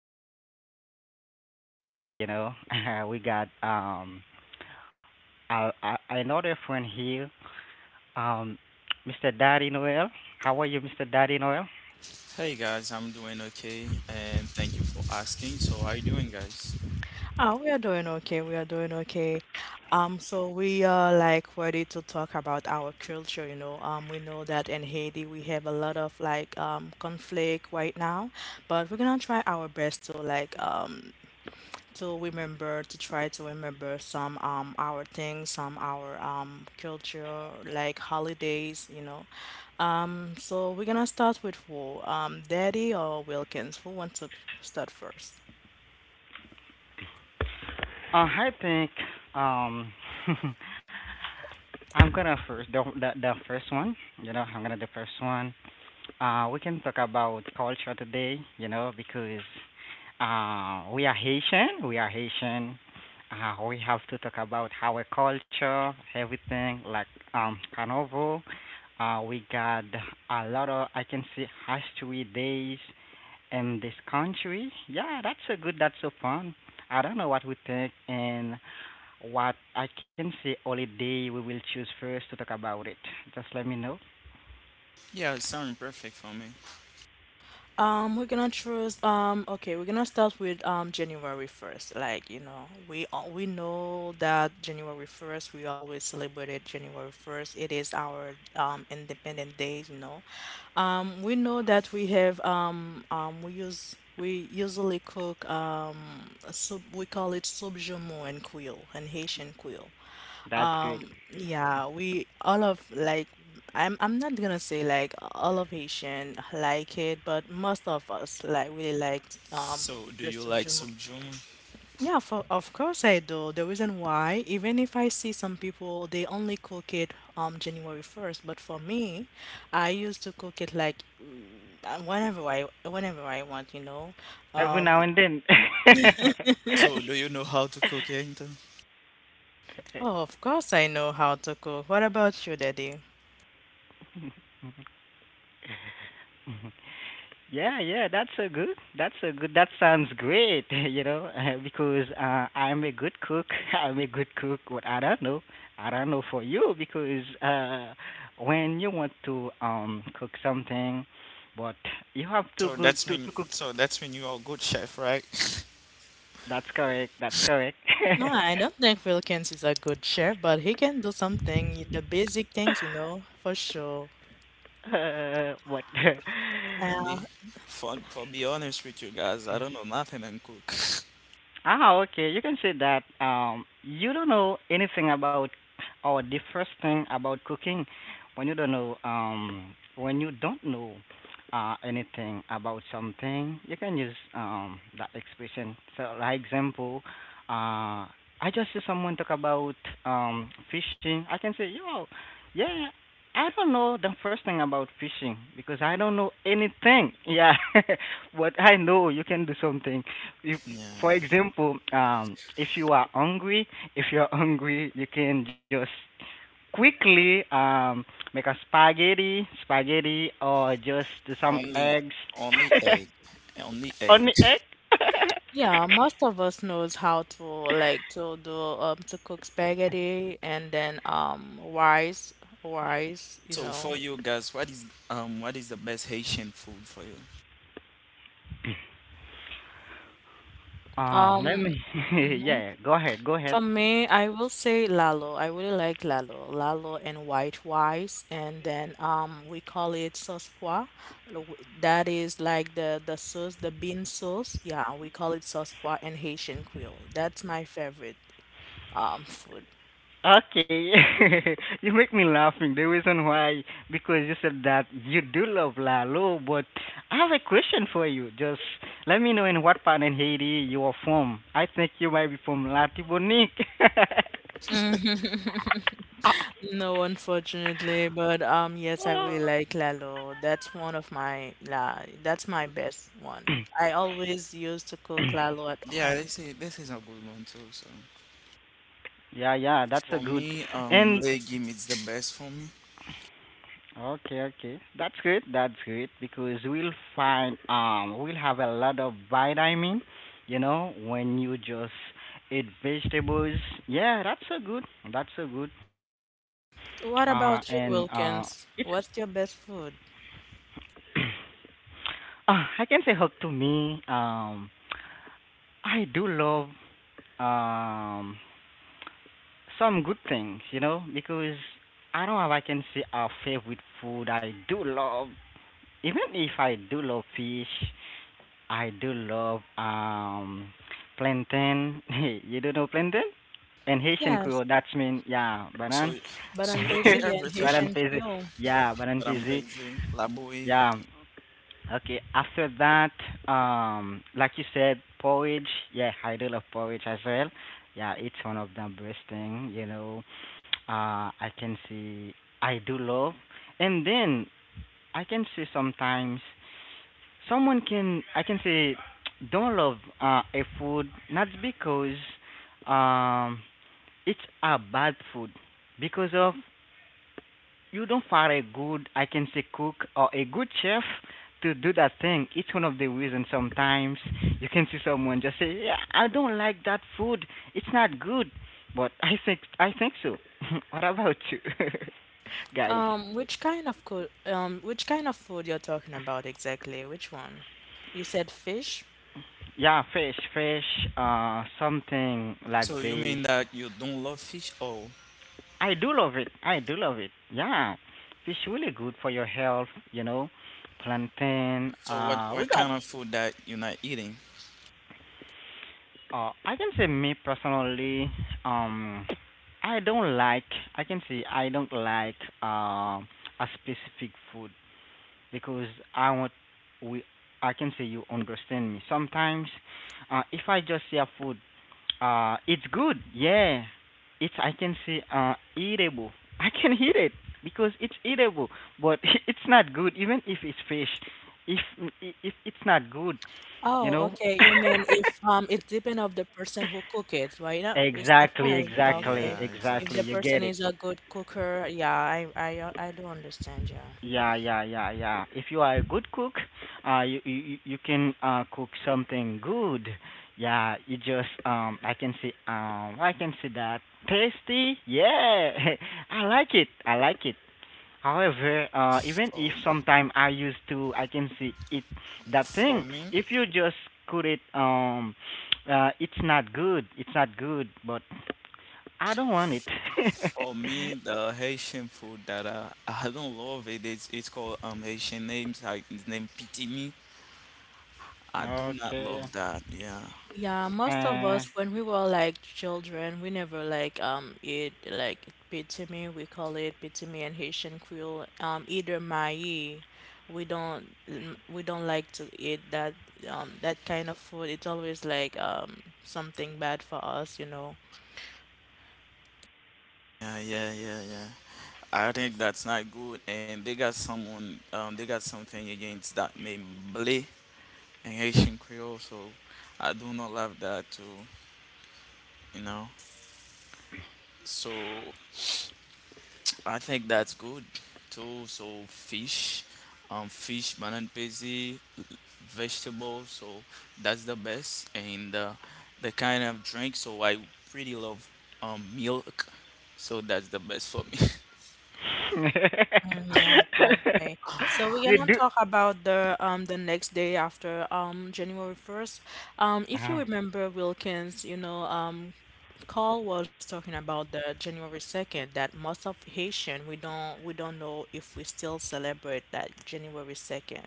pretty good. I can say I'm more than happy today. You know, we got another friend here, um, Mr. Daddy Noel. How are you, Mr. Daddy Noel? Hey guys, I'm doing okay and thank you for asking. So, how you doing, guys? Oh, we are doing okay. We are doing okay. So we are like ready to talk about our culture. We know that in Haiti we have a lot of like conflict right now, but we're gonna try our best to like to try to remember some our things, some our culture like holidays. So we're gonna start with who? Daddy or Wilkins? Who wants to start first? I think um I'm gonna first the first one. You know, I'm gonna the first one. We can talk about culture today, you know, because we are Haitian. We are Haitian. We have to talk about our culture, everything like carnival. We got a lot of, I can see, history days in this country. Yeah, that's so good. That's so fun. I don't know what we think and what I can say holiday we will choose first to talk about it. Just let me know. Yeah, it's sounding perfect for me. We're gonna choose. Okay, we're gonna start with January 1st. Like you know, we know that January 1st we always celebrated January 1st. It is our Independent Day. We know that we have we usually cook sub we call it subjumu and quill and Haitian quill. That's good. Yeah, we all of like I'm not gonna say like all of Haitian like it, but most of us like really liked So, do the you like subhuman. sujuma? Yeah, of course I do. The reason why, even if I see some people, they only cook it January 1st, but for me, I used to cook it like whenever I want. Every Um, now and then. So, do you know how to cook anything? oh, of course I know how to cook. What about you, Daddy? Yeah, that's so good. That's so good. That sounds great, you know, because I'm a good cook. I'm a good cook, but I don't know. I don't know for you because when you want to cook something, but you have to So, go to cook. That's when you are a good chef, right? That's correct. That's correct. No, I don't think Philkins is a good chef, but he can do something, the basic things, for sure. What? For Uh, me, for be honest with you guys, I don't know nothing and cook. Ah, okay. You can say that you don't know anything about or the first thing about cooking when you don't know when you don't know anything about something. You can use that expression. So, like example, uh, I just see someone talk about fishing. I can say, yo, yeah. I don't know the first thing about fishing because I don't know anything. Yeah, but I know you can do something. If Yeah, for example, if you are hungry, if you're hungry, you can just quickly make a spaghetti, or just do some only eggs. only egg, only egg. Only egg. yeah, most of us knows how to like to cook spaghetti and then rice, rice, you So, know. for you guys, what is the best Haitian food for you? Let Um, me. mhm. Yeah, go ahead, go ahead. For me, I will say Lalo. I really like Lalo. Lalo and white rice, and then we call it sauce pois. That is like the sauce, the bean sauce. Yeah, we call it sauce pois in Haitian Creole. That's my favorite food. Okay, you make me laughing. The reason why because you said that you do love Lalo, but I have a question for you. Just let me know in what part in Haiti you are from. I think you might be from Latibonique. No, unfortunately, but yes, I really like Lalo. That's one of my la That's my best one. I always used to cook Lalo at Yeah, home. this is a good one too, so. Yeah, that's a For good. me, And legume is the best for me. okay, okay. That's good. That's good because we'll find we'll have a lot of vitamin, you know, when you just eat vegetables. Yeah, that's so good. That's so good. And What about you, it's Wilkins? What's your best food? I can say hug to me. I do love um some good things, you know, because I don't know if I can say a favorite food I do love. Even if I do love fish, I do love plantain. You don't know plantain? And Haitian Yes, Creole, that's mean yeah, banan. So, but so on you eat Brazilian everything, Banan Haitian pezi. Creole. Yeah, banan but I'm pezi. crazy. Labui. Yeah. Okay. After that, like you said, porridge. Yeah, I do love porridge as well. Yeah, it's one of the best thing, you know. I can see I do love. And then I can see sometimes someone can, I can say, don't love a food not because um it's a bad food because of you don't find a good, I can say, cook or a good chef to do that thing. It's one of the reasons sometimes you can see someone just say, yeah, I don't like that food. It's not good. But I think so. What about you? Guys. Which kind of food you're talking about exactly? Which one? You said fish? Yeah, fish, something like So you this. mean that you don't love fish? Oh, I do love it. I do love it. Yeah, it's really good for your health. You know, plantain. so what We what got. kind of food that you're not eating? I can say me personally. Um, I don't like. I can say I don't like um a specific food. Because I want we, I can say, you understand me. Sometimes, if I just say a food, it's good. Yeah, it's, I can say, eatable. I can eat it because it's eatable, but it's not good. Even if it's fish, if if it's not good, you Oh, know. okay. You mean if it depends of the person who cook it, right? Is that Exactly, right? Yeah, exactly, okay. Yeah, If exactly. the You exactly. person get it. is a good cooker, yeah, I do understand, yeah. Yeah, yeah, yeah, yeah. If you are a good cook, you can cook something good. Yeah, you just I can see, I can see that tasty. Yeah, I like it. I like it. However, even if For, sometime I used to I can see it that for thing. me, If you just cook it it's not good. It's not good. But I don't want it. for me, the Haitian food that I don't love it. It's called Haitian names like the name pitimi. I do not Okay. love that. Yeah, Yeah, most of Uh. us when we were like children, we never like eat like pitimi, we call it pitimi in Haitian Creole, either maï. We don't like to eat that kind of food. It's always like something bad for us. yeah. I think that's not good, and they got someone, they got something against that name Ble in Haitian Creole, so I do not love that too, you know. So I think that's good too. So fish, fish, banana pezi, vegetables, so that's the best, and the kind of drink. So I pretty love milk, so that's the best for me. Mm, yeah, okay. So we're You gonna do. talk about the next day after January 1st. If you Oh, remember Wilkins, Carl was talking about the January 2nd that most of Haitian we don't know if we still celebrate that January 2nd.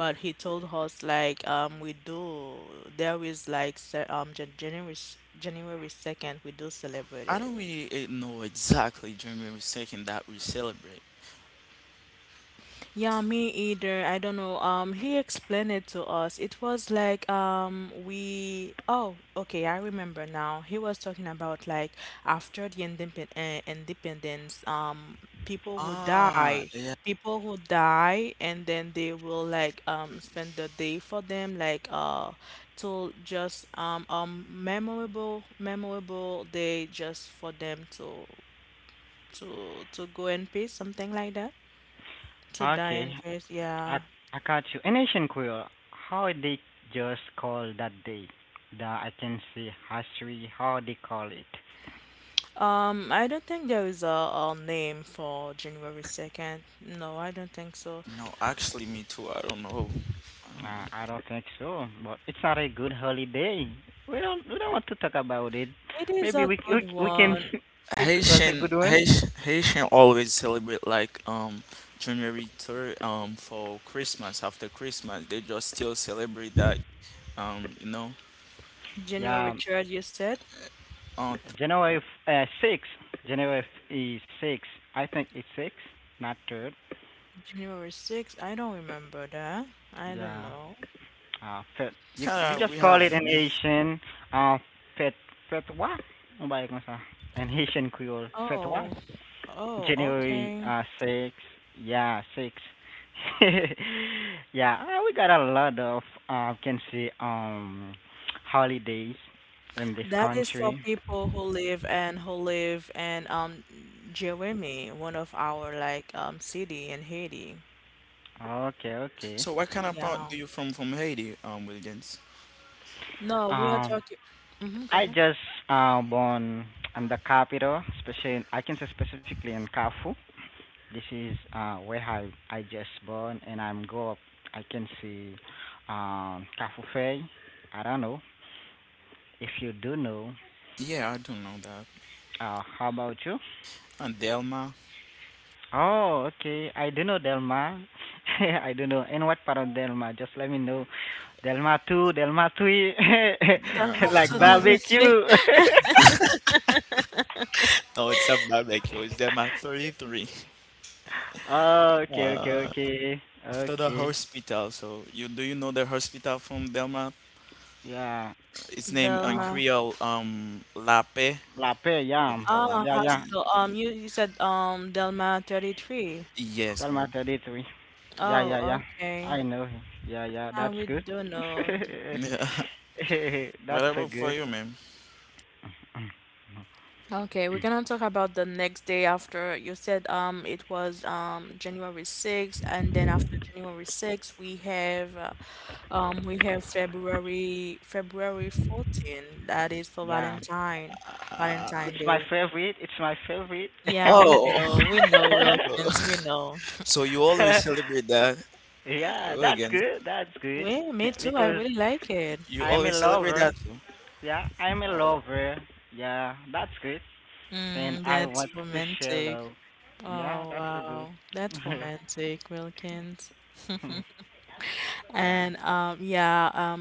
But he told us like we do there is like January 2nd we do celebrate I it. don't really know exactly January 2nd that we celebrate. Yeah, me either. I don't know. He explained it to us. It was like we oh, okay, I remember now. He was talking about like after the independence, people who Ah, die, yeah. people who die and then they will like spend the day for them like till just memorable day just for them to go and peace, something like that. To die okay. in peace, I yeah. I got you. In Asian Queer, how they just call that day? The, I can see, history. How they call it? I don't think there is a name for January 2nd. No, I don't think so. No, actually, me too. I don't know. I don't know. I don't think so. But it's not a good holiday. We don't want to talk about it. It is Maybe a good we can. one. It was a Haitian, good one. Haitian, Haitian always celebrate like January 3rd for Christmas. After Christmas, they just still celebrate that you know. January Yeah, 3rd, you said? Uh, six. Is six. I think it's six, not third. January 6th? I don't remember that. I don't Yeah. know. Pet. You you kind of we just call have, it you an know. Asian uh pet petwa. Ang baik mo sa an Haitian Creole Oh, petwa. oh, January okay. Six. Yeah, six. Yeah, we got a lot of can see holidays in this That is for country. people who live and who live in Jeremy, one of our like city in Haiti. Okay, okay. So what kind of part Yeah. do you from Haiti, Williams? No, we are Um, talking. Mm-hmm, go I ahead. just born in the capital, especially I can say specifically in Kafu. This is where I just born and I'm grow up. I can see Kafufei. I don't know if you do know. Yeah, I don't know that. How about you? And Delma. Oh, okay. I do know Delma. I do know. And what part of Delma? Just let me know. Delma 2, Delma 3, No. like Dalmatia. barbecue. No, it's a barbecue. It's Delma 33. Oh, okay, okay, Uh, okay. after the Okay. hospital, so you know the hospital from Delma? Yeah. Its named in Dalma Uh, Creole, Lape. La Paix, yeah. Hospital Ah, Yeah, Lape. yeah. Y- hospital. You said Delma 33. Yes, ma'am. Dalmatia did we? Yeah, Oh, yeah, yeah. okay. I know him. Yeah, yeah. Yeah, That's we good. do know. Yeah. That's so Whatever for good. you, ma'am. Okay, we're gonna talk about the next day after you said it was January 6th and then after January 6th we have February 14th that is for Yeah. Uh, Valentine It's my Day. favorite. It's my favorite. Yeah, we oh, know. We know Wilkins, we know. so you always celebrate that. Yeah, Well, that's again, good. That's good. Well, me too. I Because really like it. you I'm a always celebrate lover. that too. Yeah, I'm a Oh. lover. Yeah, that's good. And Mm, I that's want to share love. romantic. Yeah, that's Oh, so good. wow. That's romantic, Wilkins. Yeah. And yeah,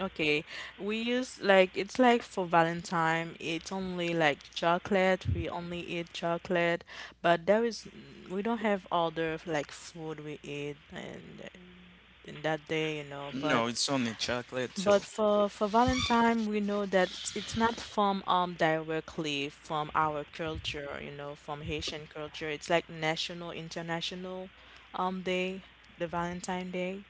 okay. We use like it's like for Valentine, it's only like chocolate. We only eat chocolate, but there is we don't have other like food we eat and in that day, No, it's only chocolate, so but for Valentine, we know that it's not from directly from our culture, from Haitian culture. It's like national, international day, the Valentine Day.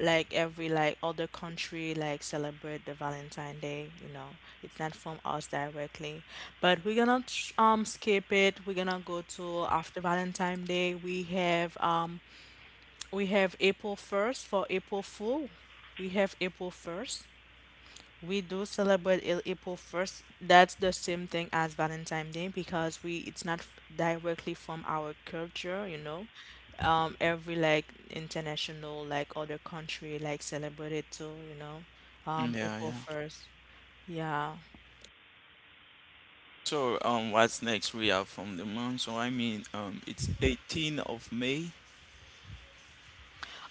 Like every like other country like celebrate the Valentine Day. It's not from us directly. But we're gonna skip it. We're gonna go to after Valentine Day. We have April 1st for April Fool. We have April 1st. We do celebrate April 1st. That's the same thing as Valentine's Day because we it's not directly from our culture. Every like international like other country like celebrate it too. mm, Um, yeah, April yeah. 1st. Yeah. So what's next? We have from the month, so I mean it's 18 of May.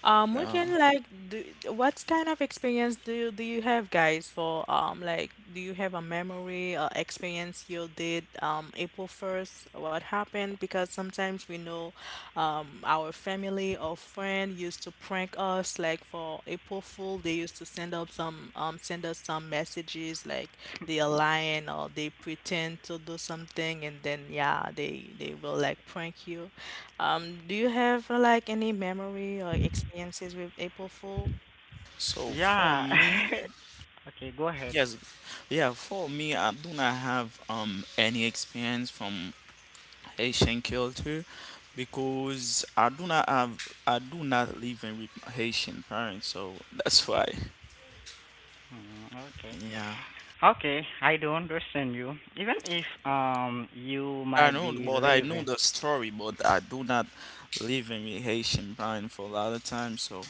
We Uh, can like do what kind of experience do you have guys for like do you have a memory or experience you did April 1st what happened, because sometimes we know our family or friend used to prank us like for April Fool they used to send up some send us some messages like they are lying or they pretend to do something, and then yeah they will like prank you, do you have like any memory or experiences with April Fool? So for Yeah. me, Okay, go ahead. yes, yeah, for me, I do not have any experience from Haitian culture because I do not live in with Haitian parents, so that's why. Okay. Yeah. Okay, I do understand you. Even if you I might know, be but I know leaving. the story, but I do not live in with Haitian parents for a lot of time, so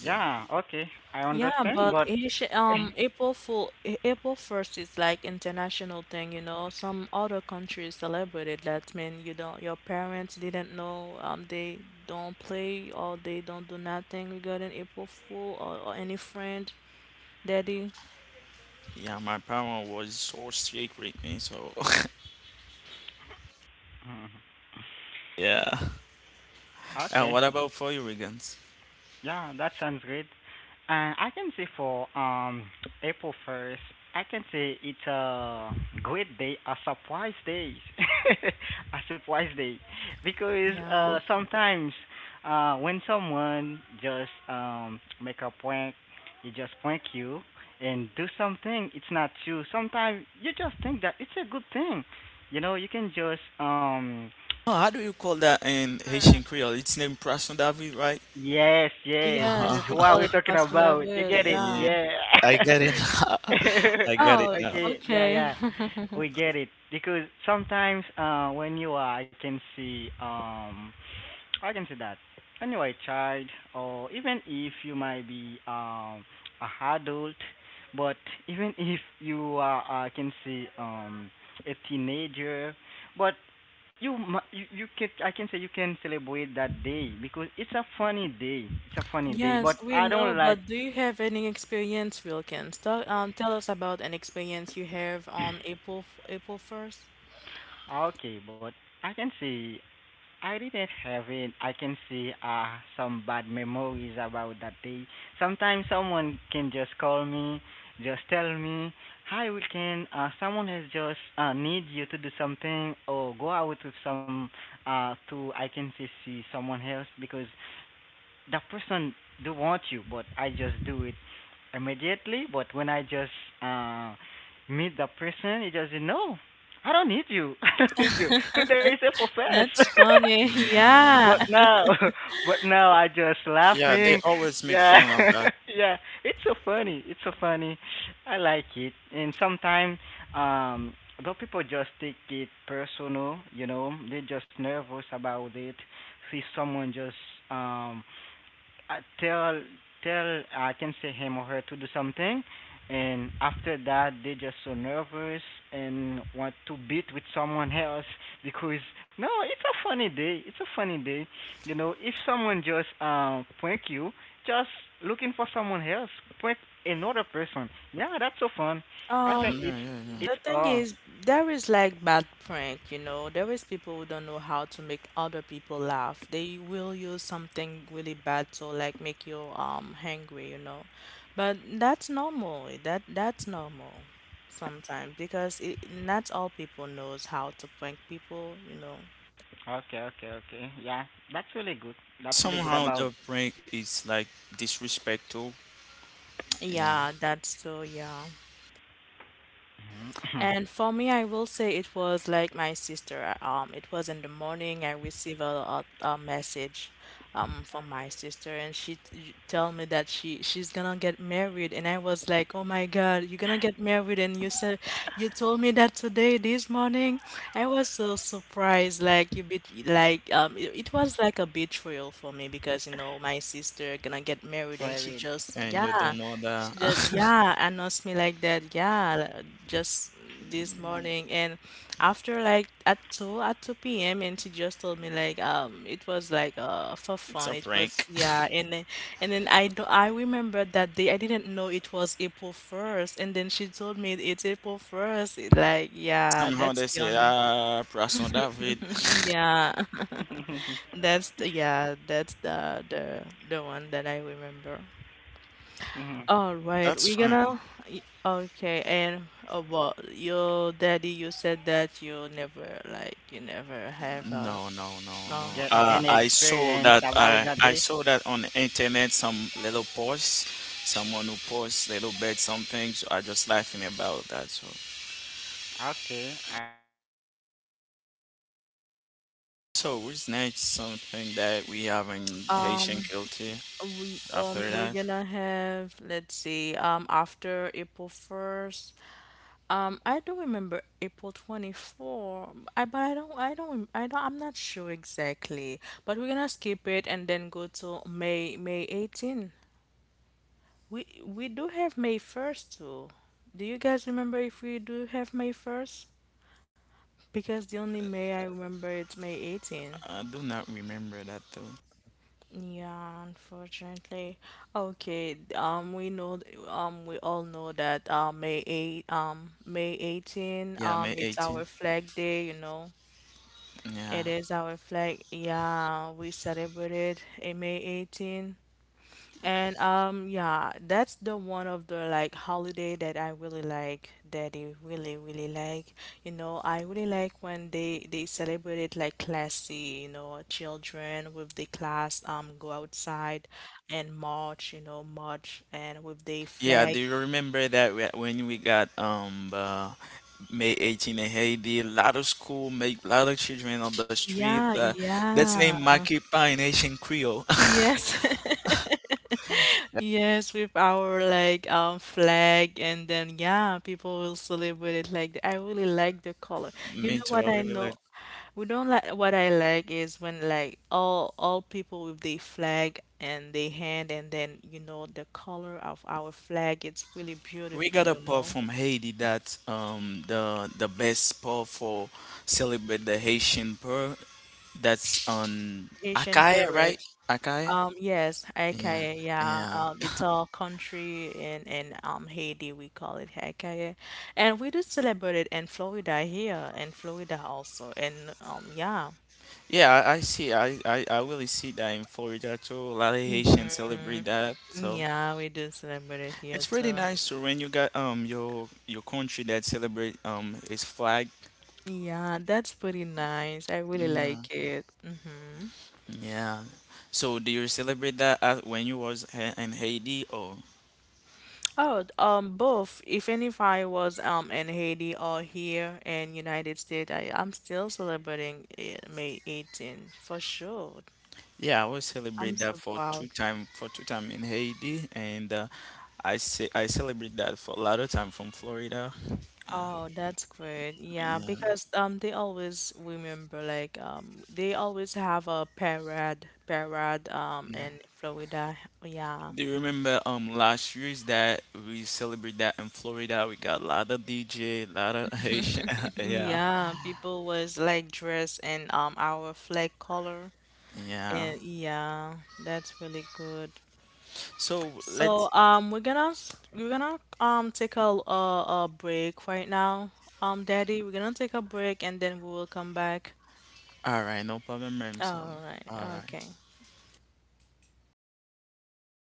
yeah. Yeah, okay. I Yeah, understand, but but Asian, April Fool, April 1st is like international thing. Some other countries celebrate it. That means your parents didn't know, they don't play or they don't do nothing regarding April Fool or any friend, daddy. Yeah, my parent was so strict with me, so yeah. And okay. what about for you, Regan? Yeah, that sounds great. I can say for April 1st, I can say it's a great day, a surprise day, a surprise day, because Yeah. Sometimes when someone just make a prank, he just prank you and do something it's not you. Sometimes you just think that it's a good thing, you know. You can just Oh, how do you call that in Haitian Creole? It's named Prason David, right? yes, yes. This Yes, is we call what we're it talking Poisson about. You d'Avril. get it? Yeah, Yeah. Yeah. I get it. I got it Oh, now. Okay. Yeah, okay. yeah. We get it because sometimes when you are, I can see, I can see that when you are a child or even if you might be a adult, but even if you are, I can see, a teenager, but you you can, I can say, you can celebrate that day because it's a funny day. It's a funny day, Yes, but we I know, don't like. but do you have any experience, Wilkins? Tell us about an experience you have on April April 1st. Okay, but I can say I didn't have it. I can say some bad memories about that day. Sometimes someone can just call me, just tell me, "Hi, weekend." Can. Someone has just need you to do something or go out with some to, I can say, see someone else because that person do want you, but I just do it immediately. But when I just uh meet the person, he just say, no, I don't need you. I don't need you. Today is a fest. That's funny. Yeah, Yeah, but now, but now I just yeah, they laughing. always make Yeah, fun of that. yeah. It's so funny. It's so funny. I like it. And sometimes, um, though people just take it personal, you know, they just nervous about it. See someone just um uh, tell tell I can say him or her to do something, and after that they just so nervous and want to beat with someone else because no, it's a funny day. It's a funny day, you know. If someone just prank you, just looking for someone else, prank another person. Yeah, that's so fun. I Um, think Yeah, yeah, yeah. the it's thing all. is, there is like bad prank. There is people who don't know how to make other people laugh. They will use something really bad to like make you angry. But that's normal. That's normal sometimes because not all people knows how to prank people. Okay, okay, okay. Yeah, that's really good. That's really good Somehow about. the prank is like disrespectful. Yeah, Yeah, that's true. Yeah. And for me, I will say it was like my sister. It was in the morning. I received a message, from my sister, and she tell me that she's gonna get married. And I was like, oh my God, you're gonna get married? And you told me that today, this morning. I was so surprised. Like you bet, like it was like a betrayal for me because you know my sister they're gonna get married, and Very. And you don't know that. she just announced me like that, just this morning, and after like at 2 p.m. and she just told me like it was like for It's fun, a it was. prank. Yeah, and then I remember that day I didn't know it was April 1st, and then she told me it's April 1st. It, like, yeah, Somehow that's they the say, only ah, Prason David. yeah yeah, that's the one that I remember. Mhm. All right, That's we're fine. gonna. Okay, and well, your daddy, you said that you never like you never have a. No, Get no, any no, no. experience Okay. I about that saw day? that. I saw that on the internet. Some little posts, someone who posts little bit something. So I just laughing about that. So, Okay, I don't understand. so what's next? Something that we have in Haitian Um, culture. After we're that, gonna have, let's see, after April 1st. I do remember April 24. I but I don't I don't I don't I'm not sure exactly. But we're gonna skip it and then go to May 18. We do have May 1st too. Do you guys remember if we do have May 1st? Because the only May I remember it's May 18. I do not remember that though. Yeah, unfortunately. Okay, we all know that May 18 Yeah, May it's our 18. flag day. Yeah. It is our flag. Yeah, we celebrate it in May 18. And yeah, that's the one of the like holiday that I really like, that I really really like. You know, I really like when they celebrate it like classy, you know, children with the class go outside and march and with the Yeah, flag. do you remember that whe- when we got May 18 in Haiti, a lot of school make a lot of children on the street. Yeah, That's named yeah. Makipa in Haitian Creole. Yes. Yes, with our like flag, and then yeah, people will celebrate it like that. I really like the color. You Me know too. what I I really know? like. We don't like what I like is when like all people with the flag and the hand and then you know the color of our flag, it's really We got beautifula pub from Haiti that the best pub for celebrate the Haitian pub. That's on Haitian Akaye, right? parrot. Akaye. Yes, Yeah. Hekaye, yeah. Yeah. It's our country in Haiti we call it Hekaye, and we do celebrate it in Florida here, in Florida also, and yeah, Yeah, I see. I really see that in Florida too. A lot of Haitians celebrate that. So. yeah, we do celebrate it here It's really too. nice to when you got your country that celebrate its flag. Yeah, that's pretty nice. I really Yeah. like it. Hmm. Yeah. So do you celebrate that when you was ha- in Haiti or? Oh, both. Even if I was in Haiti or here in United States, I'm still celebrating it, May 18 for sure. Yeah, I was I'm celebrate that so proud. For two time in Haiti and I ce- I celebrate that for a lot of time from Florida. Oh, that's good. Yeah, Yeah. because they always remember like they always have a parade Yeah. in Florida. Yeah. Do you remember last year's that we celebrate that in Florida? We got a lot of DJ, a lot of Haitian. Yeah. Yeah, people was like dressed in our flag color. Yeah. And yeah, that's really good. So So let's we're gonna we're gonna take a a break right now. Daddy, we're gonna take a break and then we will come back. All right, no problem, ma'am. So, All right. all right. Okay.